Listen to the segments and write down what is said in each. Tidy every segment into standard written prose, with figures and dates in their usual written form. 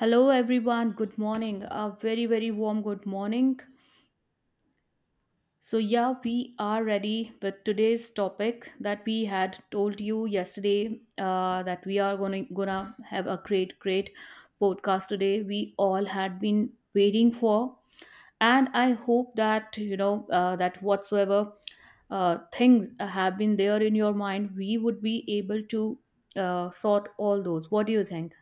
Hello, everyone. Good morning. A very, very warm good morning. So, yeah, we are ready with today's topic that we had told you yesterday that we are gonna have a great, great podcast today. We all had been waiting for, and I hope that you know that whatsoever things have been there in your mind, we would be able to sort all those. What do you think?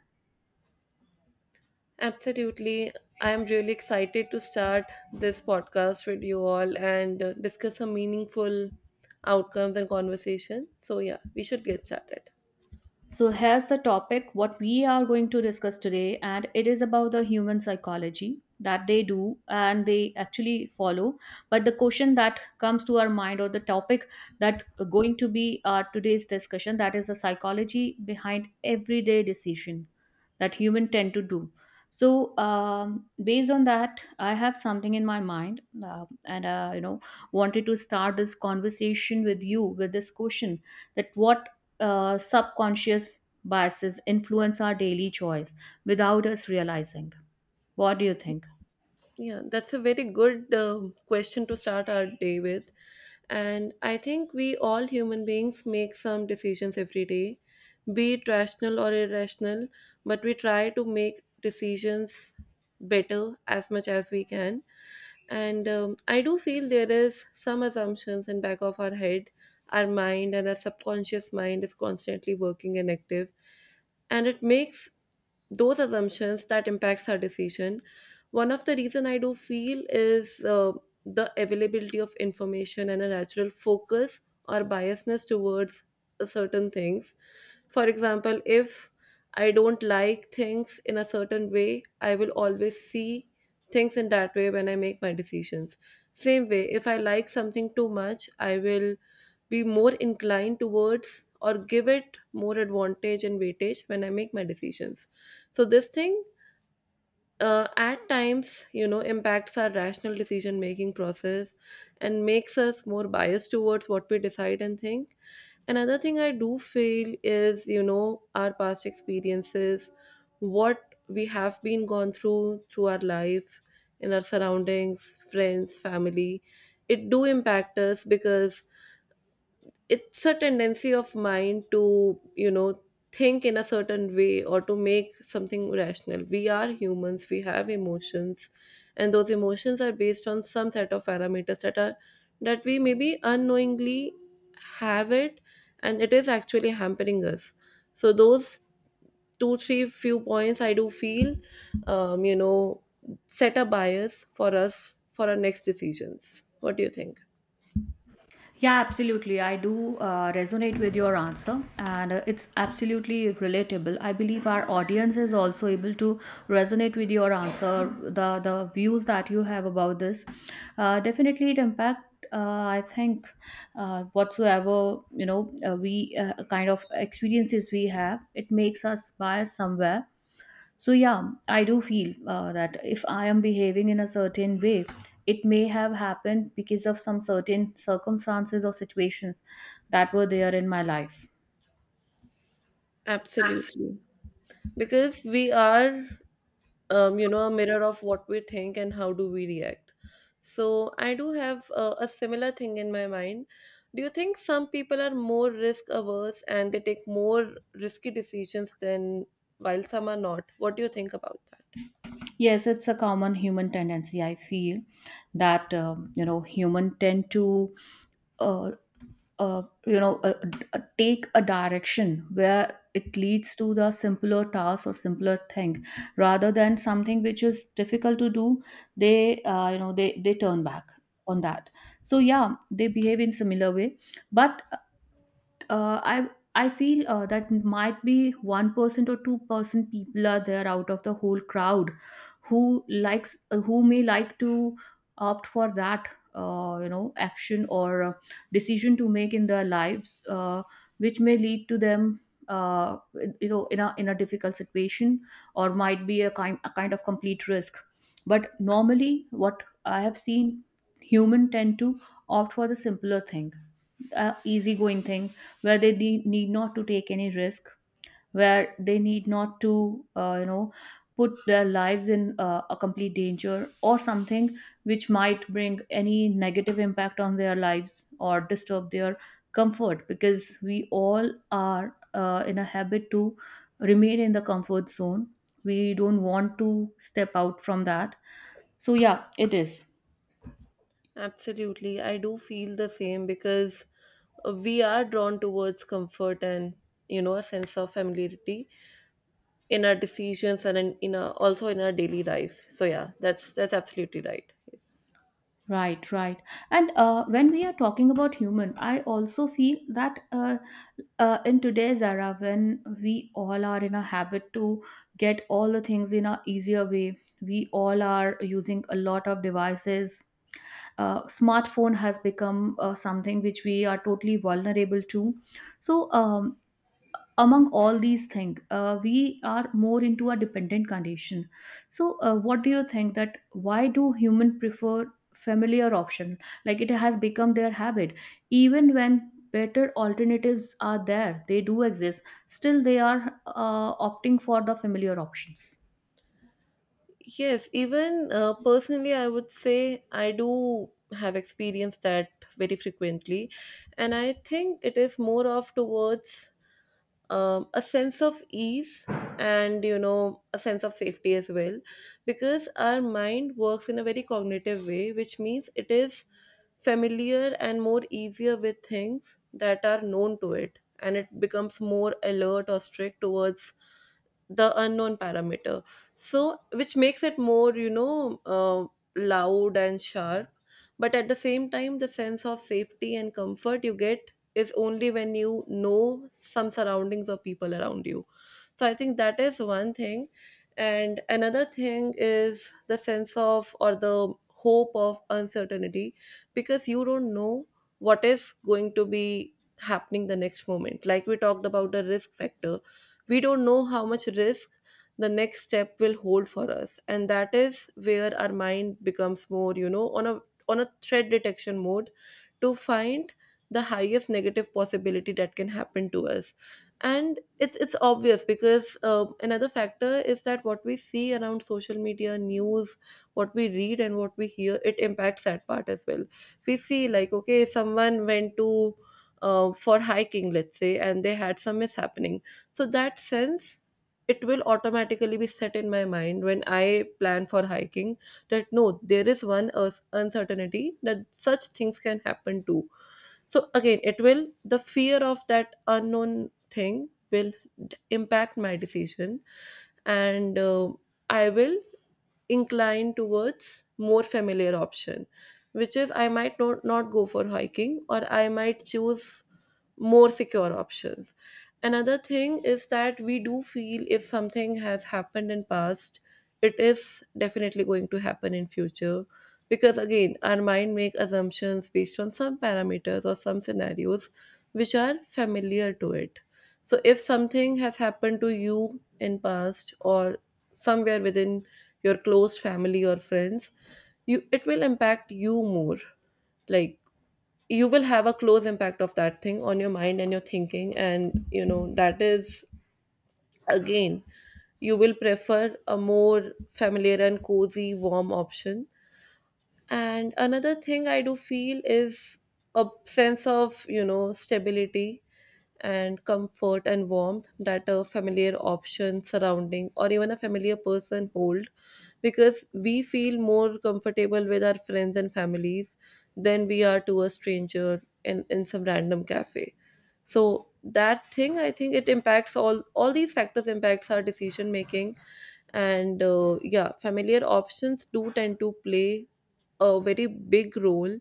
Absolutely. I'm really excited to start this podcast with you all and discuss some meaningful outcomes and conversation. So, yeah, we should get started. So, here's the topic what we are going to discuss today, and it is about the human psychology that they do and they actually follow. But the question that comes to our mind, or the topic that going to be today's discussion, that is the psychology behind everyday decision that human tend to do. So, based on that, I have something in my mind, and wanted to start this conversation with you with this question, that what subconscious biases influence our daily choice without us realizing. What do you think? Yeah, that's a very good question to start our day with. And I think we all human beings make some decisions every day, be it rational or irrational, but we try to make decisions better as much as we can. And I do feel there is some assumptions in back of our head, our mind and our subconscious mind is constantly working and active. And it makes those assumptions that impacts our decision. One of the reason I do feel is the availability of information and a natural focus or biasness towards certain things. For example, if I don't like things in a certain way, I will always see things in that way when I make my decisions. Same way, if I like something too much, I will be more inclined towards or give it more advantage and weightage when I make my decisions. So, this thing at times you know impacts our rational decision making process and makes us more biased towards what we decide and think. Another thing I do feel is, you know, our past experiences, what we have been gone through our life, in our surroundings, friends, family, it do impact us because it's a tendency of mine to, you know, think in a certain way or to make something rational. We are humans, we have emotions, and those emotions are based on some set of parameters that are, that we maybe unknowingly have it, and it is actually hampering us. So those two three few points I do feel, you know, set a bias for us for our next decisions. What do you think? Yeah, absolutely. I do resonate with your answer, and it's absolutely relatable. I believe our audience is also able to resonate with your answer, the views that you have about this. Definitely, it impact. I think, whatsoever you know we kind of experiences we have, it makes us biased somewhere. So, yeah, I do feel that if I am behaving in a certain way, it may have happened because of some certain circumstances or situations that were there in my life. Absolutely, because we are, you know, a mirror of what we think and how do we react. So I do have a similar thing in my mind. Do you think some people are more risk averse and they take more risky decisions than while some are not? What do you think about that? Yes, it's a common human tendency. I feel that, human tend to uh, take a direction where it leads to the simpler task or simpler thing rather than something which is difficult to do. They they turn back on that. So, yeah, they behave in similar way. But uh, I I feel that might be 1% or 2% people are there out of the whole crowd, who likes, who may like to opt for that action or decision to make in their lives, which may lead to them. Uh, in a difficult situation, or might be a kind of complete risk. But normally, what I have seen, human tend to opt for the simpler thing, easygoing thing, where they need not to take any risk, where they need not to put their lives in a complete danger or something which might bring any negative impact on their lives, or disturb their comfort, because we all are in a habit to remain in the comfort zone. We don't want to step out from that. So, yeah, it is. Absolutely. I do feel the same because we are drawn towards comfort and, you know, a sense of familiarity in our decisions and in our, also in our daily life. So yeah, that's absolutely right. Yes. Right, right. And when we are talking about human, I also feel that in today's era, when we all are in a habit to get all the things in a easier way, we all are using a lot of devices. Smartphone has become something which we are totally vulnerable to. So, among all these things, we are more into a dependent condition. So, what do you think, that why do human prefer familiar option, like it has become their habit, even when better alternatives are there, they do exist, still they are opting for the familiar options? Yes, even personally, I would say I do have experienced that very frequently. And I think it is more of towards a sense of ease and, you know, a sense of safety as well, because our mind works in a very cognitive way, which means it is familiar and more easier with things that are known to it, and it becomes more alert or strict towards the unknown parameter, so which makes it more, you know, loud and sharp. But at the same time, the sense of safety and comfort you get is only when you know some surroundings or people around you. So I think that is one thing. And another thing is the sense of or the hope of uncertainty, because you don't know what is going to be happening the next moment. Like we talked about the risk factor, we don't know how much risk the next step will hold for us, and that is where our mind becomes more, you know, on a threat detection mode to find the highest negative possibility that can happen to us. And it's obvious because, another factor is that what we see around, social media, news, what we read and what we hear, it impacts that part as well. We see, like, okay, someone went to for hiking, let's say, and they had some mishappening, so that sense, it will automatically be set in my mind when I plan for hiking, that no, there is one uncertainty that such things can happen too. So again, it will, the fear of that unknown thing will impact my decision, and I will incline towards more familiar option, which is I might not go for hiking, or I might choose more secure options. Another thing is that we do feel if something has happened in past, it is definitely going to happen in future, because again, our mind make assumptions based on some parameters or some scenarios which are familiar to it. So if something has happened to you in past or somewhere within your close family or friends, you, it will impact you more. Like you will have a close impact of that thing on your mind and your thinking, and you know that is, again, you will prefer a more familiar and cozy warm option. And another thing I do feel is a sense of, you know, stability and comfort and warmth that a familiar option, surrounding, or even a familiar person hold, because we feel more comfortable with our friends and families than we are to a stranger in, some random cafe. So that thing, I think it impacts all these factors impacts our decision making, and yeah, familiar options do tend to play a very big role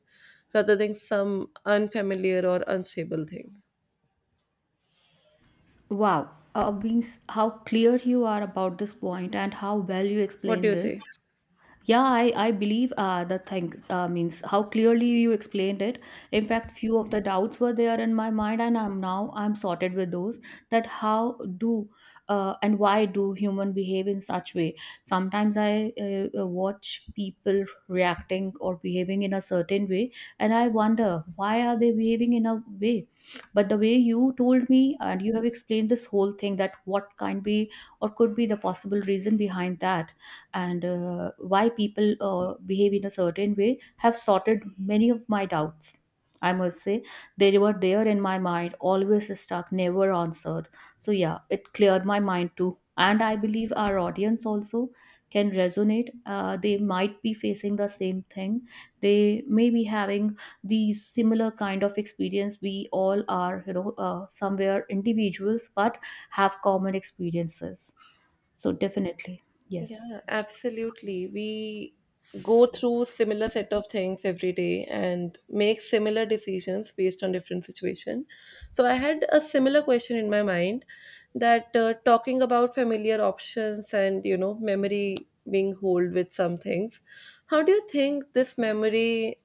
rather than some unfamiliar or unstable thing. Wow. Means how clear you are about this point, and how well you What do explain you this. say? Yeah, I believe the thing, means how clearly you explained it. In fact, few of the doubts were there in my mind, and I'm now I'm sorted with those, that how do, and why do human behave in such way. Sometimes I watch people reacting or behaving in a certain way, and I wonder why are they behaving in a way. But the way you told me, and you have explained this whole thing, that what can be or could be the possible reason behind that, and why people behave in a certain way, have sorted many of my doubts. I must say they were there in my mind, always stuck, never answered. So, yeah, it cleared my mind too. And I believe our audience also can resonate. They might be facing the same thing. They may be having these similar kind of experience. We all are, somewhere individuals, but have common experiences. So, definitely, yes. Yeah, absolutely. We go through similar set of things every day and make similar decisions based on different situation. So I had a similar question in my mind that talking about familiar options and, you know, memory being hold with some things. How do you think this memory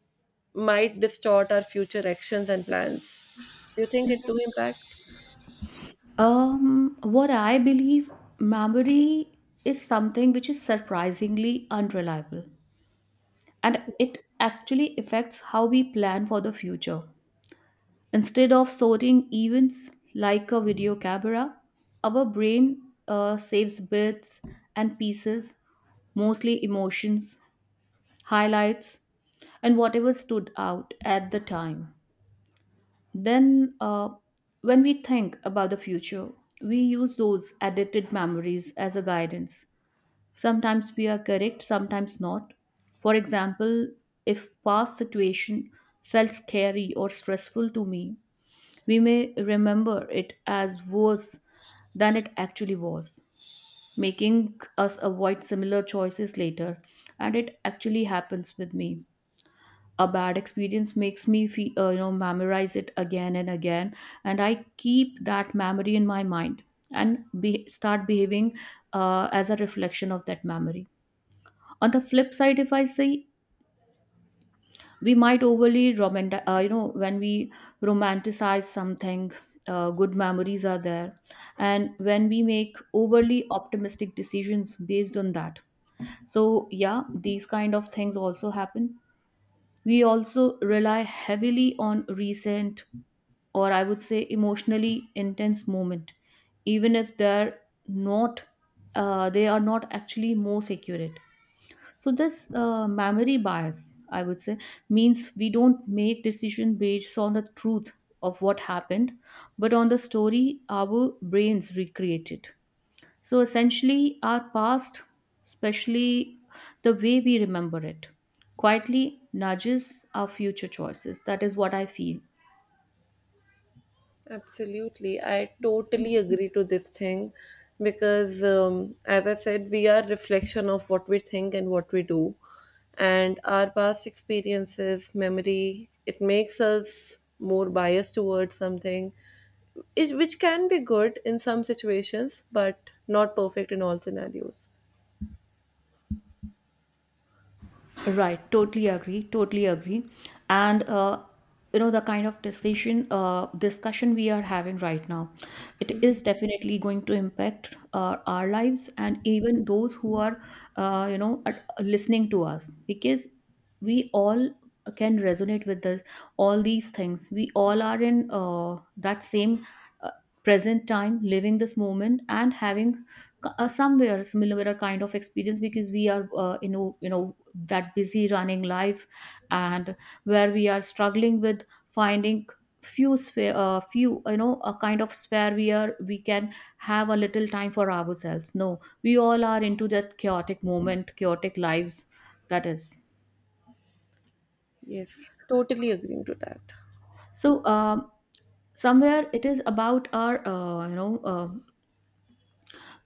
might distort our future actions and plans? Do you think it do impact? What I believe, memory is something which is surprisingly unreliable, and it actually affects how we plan for the future. Instead of sorting events like a video camera, our brain saves bits and pieces, mostly emotions, highlights, and whatever stood out at the time. Then, when we think about the future, we use those edited memories as a guidance. Sometimes we are correct, sometimes not. For example, if past situation felt scary or stressful to me, we may remember it as worse than it actually was, making us avoid similar choices later. And it actually happens with me. A bad experience makes me feel, memorize it again and again, and I keep that memory in my mind, and start behaving as a reflection of that memory. On the flip side, if I say, we might overly romantic, when we romanticize something, good memories are there, and when we make overly optimistic decisions based on that. So, yeah, these kind of things also happen. We also rely heavily on recent, or I would say emotionally intense moment, even if not, they are not actually most accurate. So this memory bias, I would say, means we don't make decision based on the truth of what happened, but on the story our brains recreate it. So essentially, our past, especially the way we remember it, quietly nudges our future choices. That is what I feel. Absolutely. I totally agree to this thing because, as I said, we are reflection of what we think and what we do. And our past experiences, memory, it makes us more biased towards something, it, which can be good in some situations, but not perfect in all scenarios. Right, totally agree, totally agree. And the kind of decision discussion we are having right now, it is definitely going to impact our lives, and even those who are listening to us, because we all can resonate with this, all these things. We all are in that same uh, present time, living this moment, and having somewhere similar kind of experience, because we are that busy running life, and where we are struggling with finding few, a kind of sphere where we can have a little time for ourselves. No, we all are into that chaotic moment, chaotic lives. That is. Yes, totally agreeing to that. So, somewhere it is about our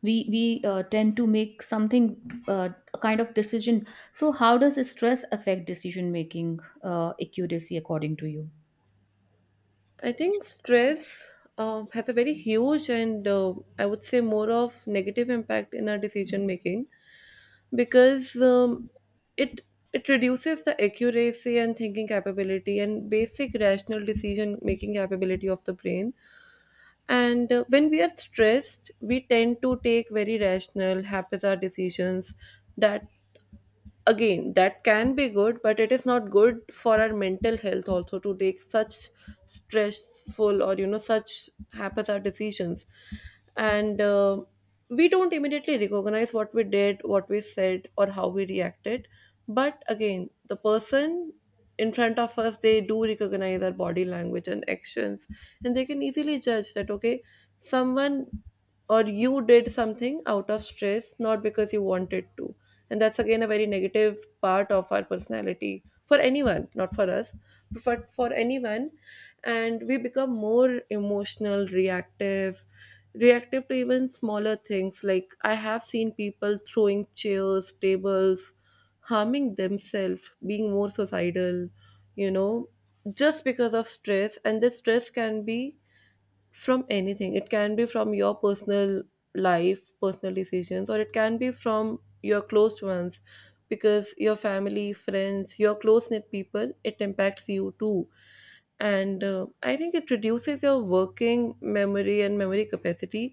we tend to make something, uh, a kind of decision. So, how does stress affect decision making accuracy, according to you? I think stress has a very huge and, I would say, more of negative impact in our decision making, because it it reduces the accuracy and thinking capability and basic rational decision making capability of the brain. And when we are stressed, we tend to take very rational, haphazard decisions. That, again, that can be good, but it is not good for our mental health also to take such stressful or, you know, such haphazard decisions. And we don't immediately recognize what we did, what we said, or how we reacted, but again, the person in front of us, they do recognize our body language and actions, and they can easily judge that, okay, someone or you did something out of stress, not because you wanted to. And that's, again, a very negative part of our personality, for anyone, not for us, but for anyone. And we become more emotional, reactive to even smaller things, like I have seen people throwing chairs, tables, harming themselves, being more suicidal, you know, just because of stress. And this stress can be from anything. It can be from your personal life, personal decisions, or it can be from your close ones, because your family, friends, your close knit people, it impacts you too. And I think it reduces your working memory and memory capacity.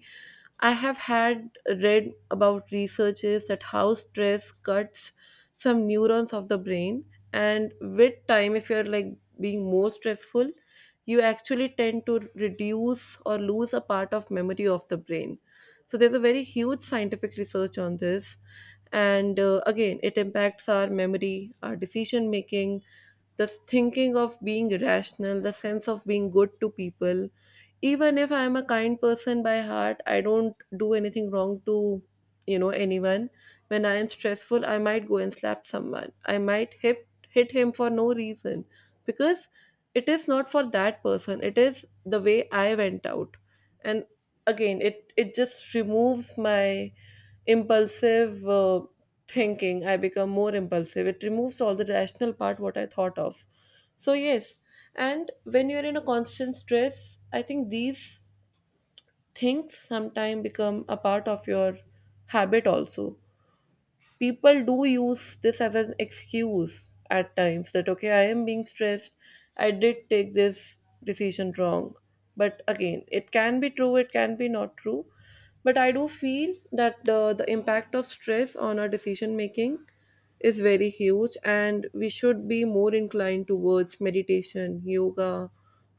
I have had read about researches that how stress cuts some neurons of the brain, and with time, if you're like being more stressful, you actually tend to reduce or lose a part of memory of the brain. So there's a very huge scientific research on this. And again, it impacts our memory, our decision making, the thinking of being rational, the sense of being good to people. Even if I'm a kind person by heart, I don't do anything wrong to, you know, anyone. When I am stressful, I might go and slap someone. I might hit him for no reason, because it is not for that person. It is the way I went out. And again, it just removes my impulsive thinking. I become more impulsive. It removes all the rational part what I thought of. So yes, and when you're in a constant stress, I think these things sometimes become a part of your habit also. People do use this as an excuse at times that okay, I am being stressed, I did take this decision wrong, but again, it can be true, it can be not true. But I do feel that the impact of stress on our decision making is very huge, and we should be more inclined towards meditation, yoga,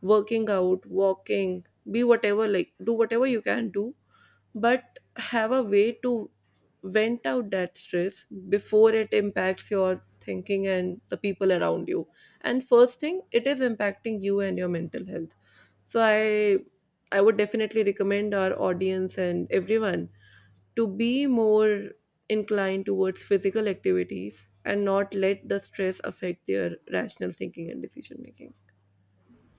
working out, walking, be whatever, like do whatever you can do, but have a way to vent out that stress before it impacts your thinking and the people around you. And first thing, it is impacting you and your mental health. So I would definitely recommend our audience and everyone to be more inclined towards physical activities and not let the stress affect their rational thinking and decision making.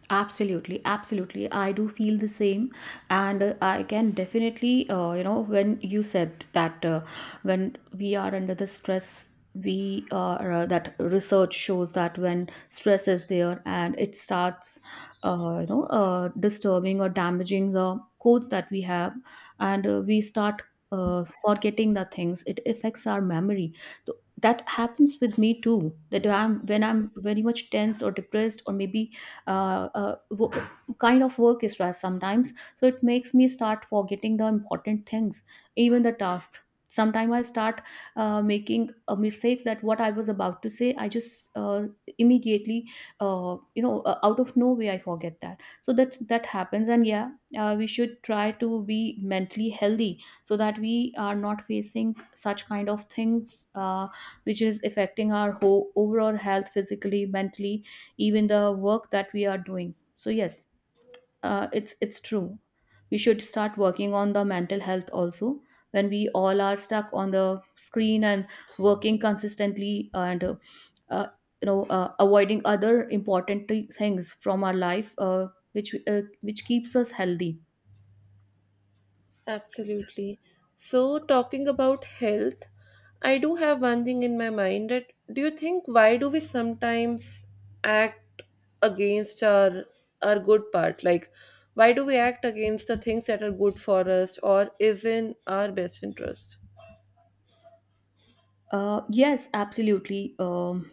Absolutely, absolutely. I do feel the same, and I can definitely, when you said that when we are under the stress, we are that research shows that when stress is there and it starts, disturbing or damaging the codes that we have, and we start forgetting the things. It affects our memory. So that happens with me too. That I'm when I'm very much tense or depressed, or maybe uh, uh, wo- kind of work stress sometimes, so it makes me start forgetting the important things, even the tasks. Sometimes I start making mistakes, that what I was about to say, I just immediately, out of nowhere I forget that. So that happens. And yeah, we should try to be mentally healthy, so that we are not facing such kind of things, which is affecting our whole overall health, physically, mentally, even the work that we are doing. So yes, it's true, we should start working on the mental health also, when we all are stuck on the screen and working consistently, and uh, avoiding other important things from our life, which keeps us healthy. Absolutely. So, talking about health, I do have one thing in my mind that do you think, why do we sometimes act against our good part? Like, why do we act against the things that are good for us or is in our best interest? Yes, absolutely.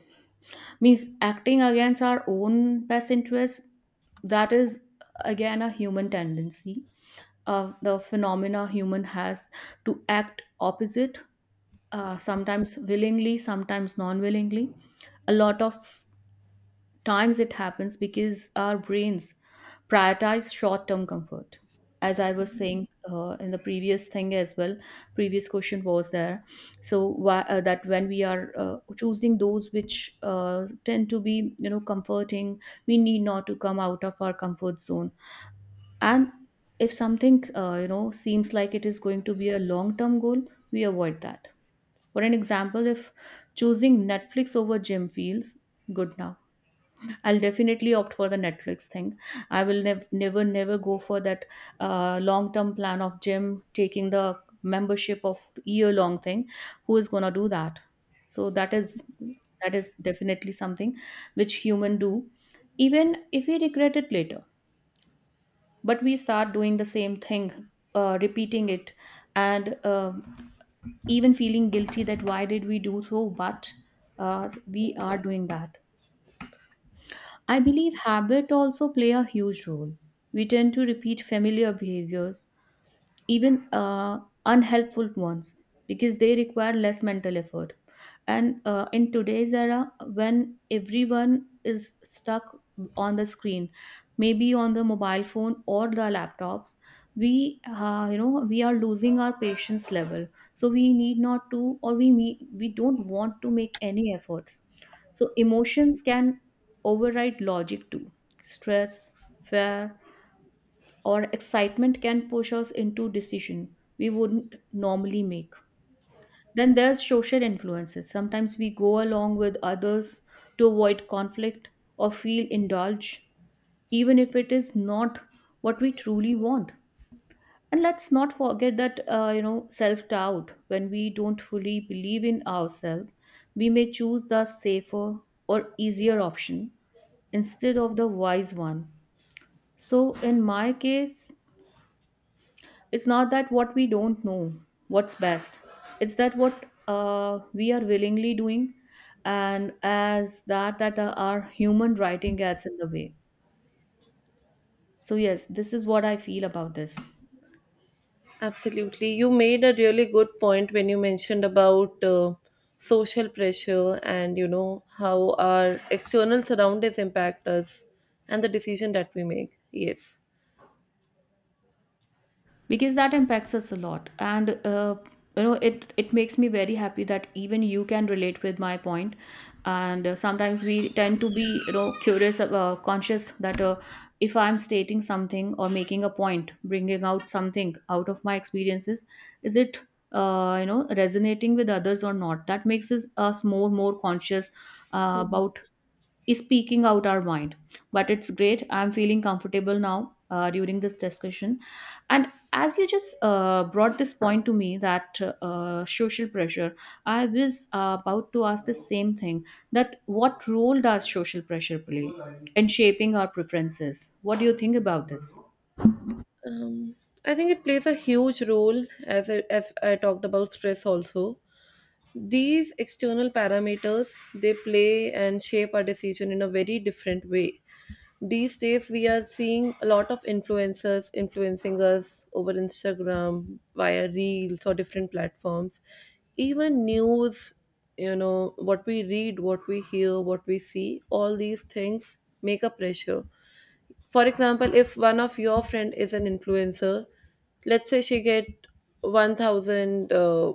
Means acting against our own best interest, that is again a human tendency, of the phenomena human has to act opposite, sometimes willingly, sometimes non-willingly. A lot of times it happens because our brains prioritize short-term comfort, as I was saying, in the previous thing as well, previous question was there. So why, that when we are choosing those which tend to be comforting, we need not to come out of our comfort zone. And if something seems like it is going to be a long term goal, we avoid that. For an example, if choosing Netflix over gym feels good now, I'll definitely Opt for the Netflix thing. I will never go for that long term plan of gym, taking the membership of year long thing. Who is going to do that? So that is definitely something which human do, even if we regret it later, but we start doing the same thing, repeating it. And even feeling guilty that why did we do so, but uh, we are doing that. I believe habit also play a huge role. We tend to repeat familiar behaviors, even unhelpful ones, because they require less mental effort. And in today's era, when everyone is stuck on the screen, maybe on the mobile phone or the laptops, we you know we are losing our patience level. So we need not to, or we don't want to make any efforts. So emotions can override logic too. Stress, fear, or excitement can push us into decision we wouldn't normally make. Then there's social influences. Sometimes we go along with others to avoid conflict or feel indulged, even if it is not what we truly want. And let's not forget that, self doubt. When we don't fully believe in ourselves, we may choose the safer or easier option instead of the wise one. So, in my case, it's not that what we don't know what's best. It's that what we are willingly doing, and as that that our human writing gets in the way. So yes, this is what I feel about this. Absolutely. You made a really good point when you mentioned about social pressure and you know how our external surroundings impact us and the decision that we make. Yes. Because that impacts us a lot. And you know, it makes me very happy that even you can relate with my point. And sometimes we tend to be, you know, curious, conscious, that if I'm stating something or making a point, bringing out something out of my experiences, is it, you know, resonating with others or not? That makes us more conscious about speaking out our mind. But it's great, I'm feeling comfortable now during this discussion. And as you just brought this point to me, that social pressure, I was about to ask the same thing, that what role does social pressure play in shaping our preferences? What do you think about this? Um, I think it plays a huge role as I talked about stress also. These external parameters they play and shape our decision in a very different way. These days we are seeing a lot of influencers influencing us over Instagram via reels or different platforms. Even news, you know, what we read, what we hear, what we see, all these things make a pressure. For example, if one of your friend is an influencer, let's say she get 1,000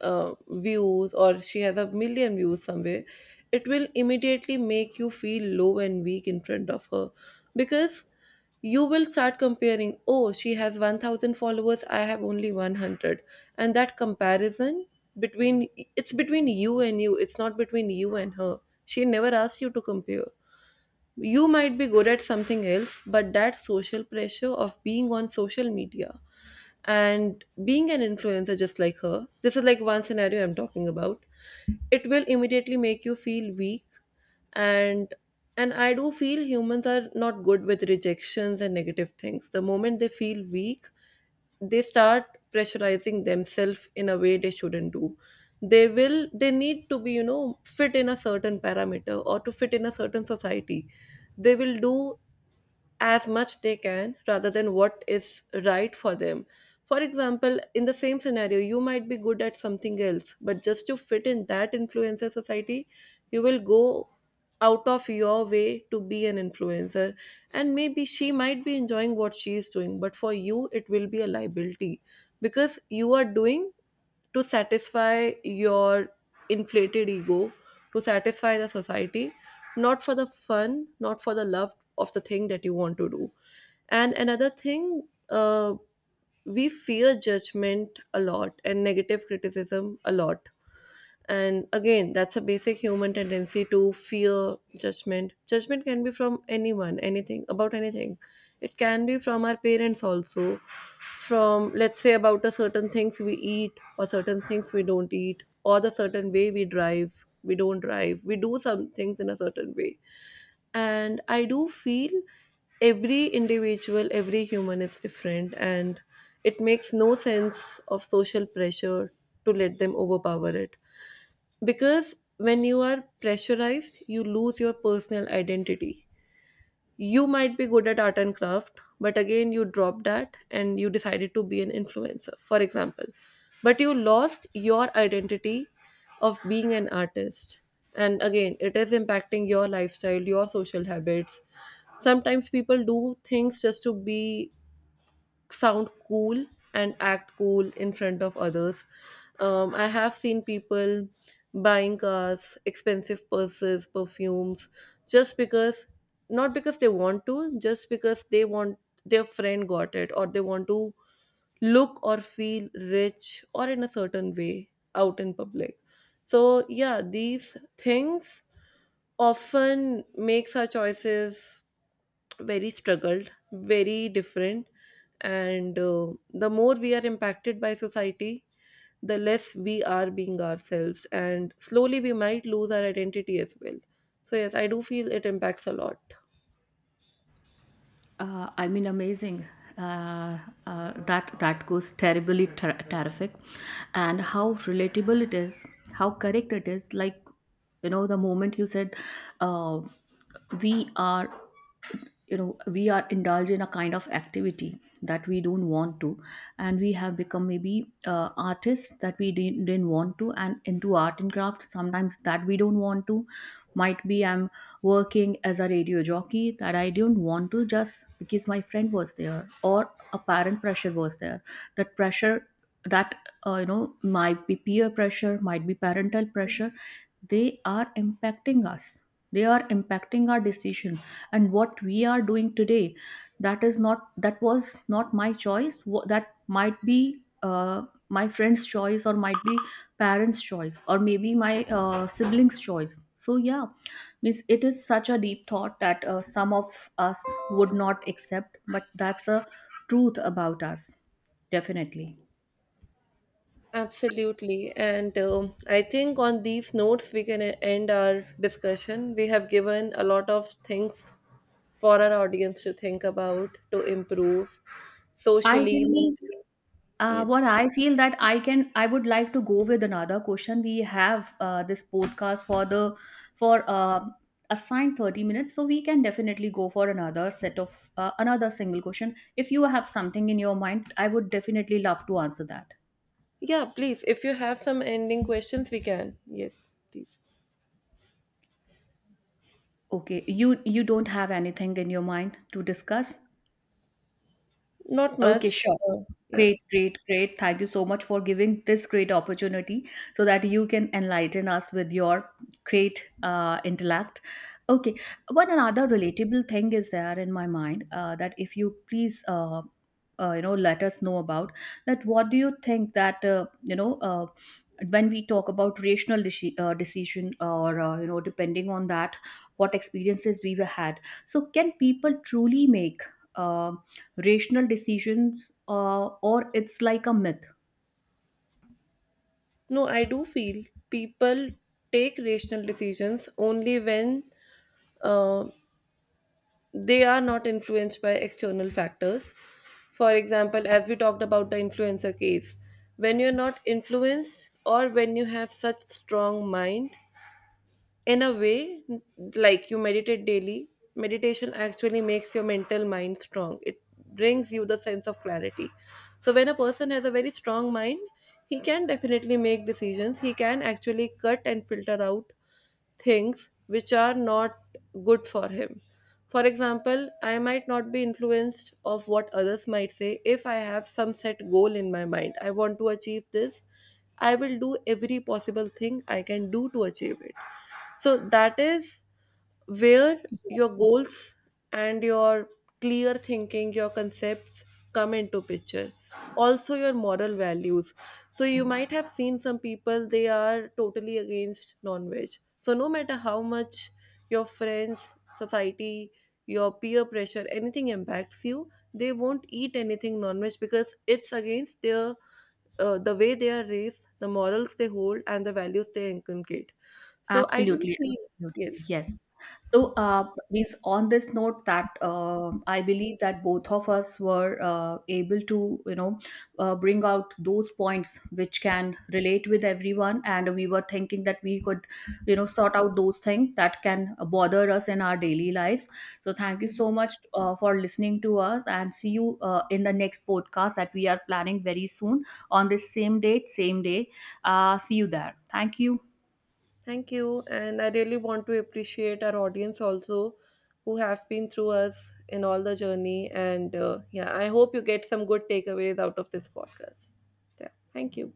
uh, views, or she has a million views somewhere, it will immediately make you feel low and weak in front of her, because you will start comparing, oh, she has 1,000 followers, I have only 100, and that comparison between, it's between you and you, it's not between you and her. She never asked you to compare. You might be good at something else, but that social pressure of being on social media and being an influencer just like her, this is like one scenario I'm talking about, it will immediately make you feel weak. And I do feel humans are not good with rejections and negative things. The moment they feel weak, they start pressurizing themselves in a way they shouldn't do. They will, they need to be, you know, fit in a certain parameter or to fit in a certain society, they will do as much they can rather than what is right for them. For example, in the same scenario, you might be good at something else, but just to fit in that influencer society, you will go out of your way to be an influencer. And maybe she might be enjoying what she is doing, but for you, it will be a liability because you are doing to satisfy your inflated ego, to satisfy the society, not for the fun, not for the love of the thing that you want to do. And another thing, we fear judgment a lot and negative criticism a lot. And again, that's a basic human tendency to fear judgment. Judgment can be from anyone, anything, about anything. It can be from our parents also, from, let's say, about a certain things we eat or certain things we don't eat, or the certain way we drive, we don't drive, we do some things in a certain way. And I do feel every individual, every human is different, and it makes no sense of social pressure to let them overpower it, because when you are pressurized you lose your personal identity. You might be good at art and craft, but again you dropped that and you decided to be an influencer, for example, but you lost your identity of being an artist. And again, it is impacting your lifestyle, your social habits. Sometimes people do things just to be sound cool and act cool in front of others. I have seen people buying cars, expensive purses, perfumes, just because, not because they want to, just because they want, their friend got it, or they want to look or feel rich or in a certain way out in public. So, yeah, these things often makes our choices very struggled, very different. And the more we are impacted by society, the less we are being ourselves. And slowly we might lose our identity as well. So, yes, I do feel it impacts a lot. I mean, amazing. Uh, that goes terrific, and how relatable it is, how correct it is. Like, you know, the moment you said, uh, "We are," you know, we are indulged in a kind of activity that we don't want to, and we have become maybe artists that we didn't want to, and into art and craft sometimes that we don't want to. Might be I'm working as a radio jockey that I don't want to, just because my friend was there or a parent pressure was there. That pressure, that, you know, might be peer pressure, might be parental pressure. They are impacting us, they are impacting our decision. And what we are doing today, that is not, that was not my choice, that might be my friend's choice, or might be parents choice, or maybe my siblings choice. So yeah, means it is such a deep thought that some of us would not accept, but that's a truth about us definitely. Absolutely. And I think on these notes, we can end our discussion. We have given a lot of things for our audience to think about, to improve I socially, really. mentally. What Yes. I feel that I would like to go with another question. We have this podcast for the for assigned 30 minutes, so we can definitely go for another set of another single question. If you have something in your mind, I would definitely love to answer that. Yeah, please. If you have some ending questions, we can. Yes, please. Okay, you don't have anything in your mind to discuss? Not Okay, much. sure. Yeah. Great, great, great. Thank you so much for giving this great opportunity so that you can enlighten us with your great intellect. Okay, one another relatable thing is there in my mind that if you please, you know, let us know about that. What do you think that you know, when we talk about rational decision, or you know, depending on that, what experiences we were had? So can people truly make um rational decisions, or it's like a myth? No, I do feel people take rational decisions only when uh, they are not influenced by external factors. For example, as we talked about the influencer case, when you're not influenced, or when you have such strong mind in a way, like you meditate daily. Meditation actually makes your mental mind strong. It brings you the sense of clarity. So when a person has a very strong mind, he can definitely make decisions, he can actually cut and filter out things which are not good for him. For example, I might not be influenced of what others might say if I have some set goal in my mind. I want to achieve this. I will do every possible thing I can do to achieve it. So that is where your goals and your clear thinking, your concepts come into picture, also your moral values. So you might have seen some people, they are totally against non-veg. So no matter how much your friends, society, your peer pressure, anything impacts you, they won't eat anything non-veg because it's against their, the way they are raised, the morals they hold and the values they inculcate. So I do Absolutely, feel, absolutely, yes. yes. So, means on this note that I believe that both of us were able to, you know, bring out those points which can relate with everyone, and we were thinking that we could, you know, sort out those things that can bother us in our daily lives. So, thank you Mm-hmm. so much for listening to us, and see you in the next podcast that we are planning very soon on this same date, same day. See you there. Thank you. Thank you. And I really want to appreciate our audience also who have been through us in all the journey. And yeah, I hope you get some good takeaways out of this podcast. Yeah. Thank you.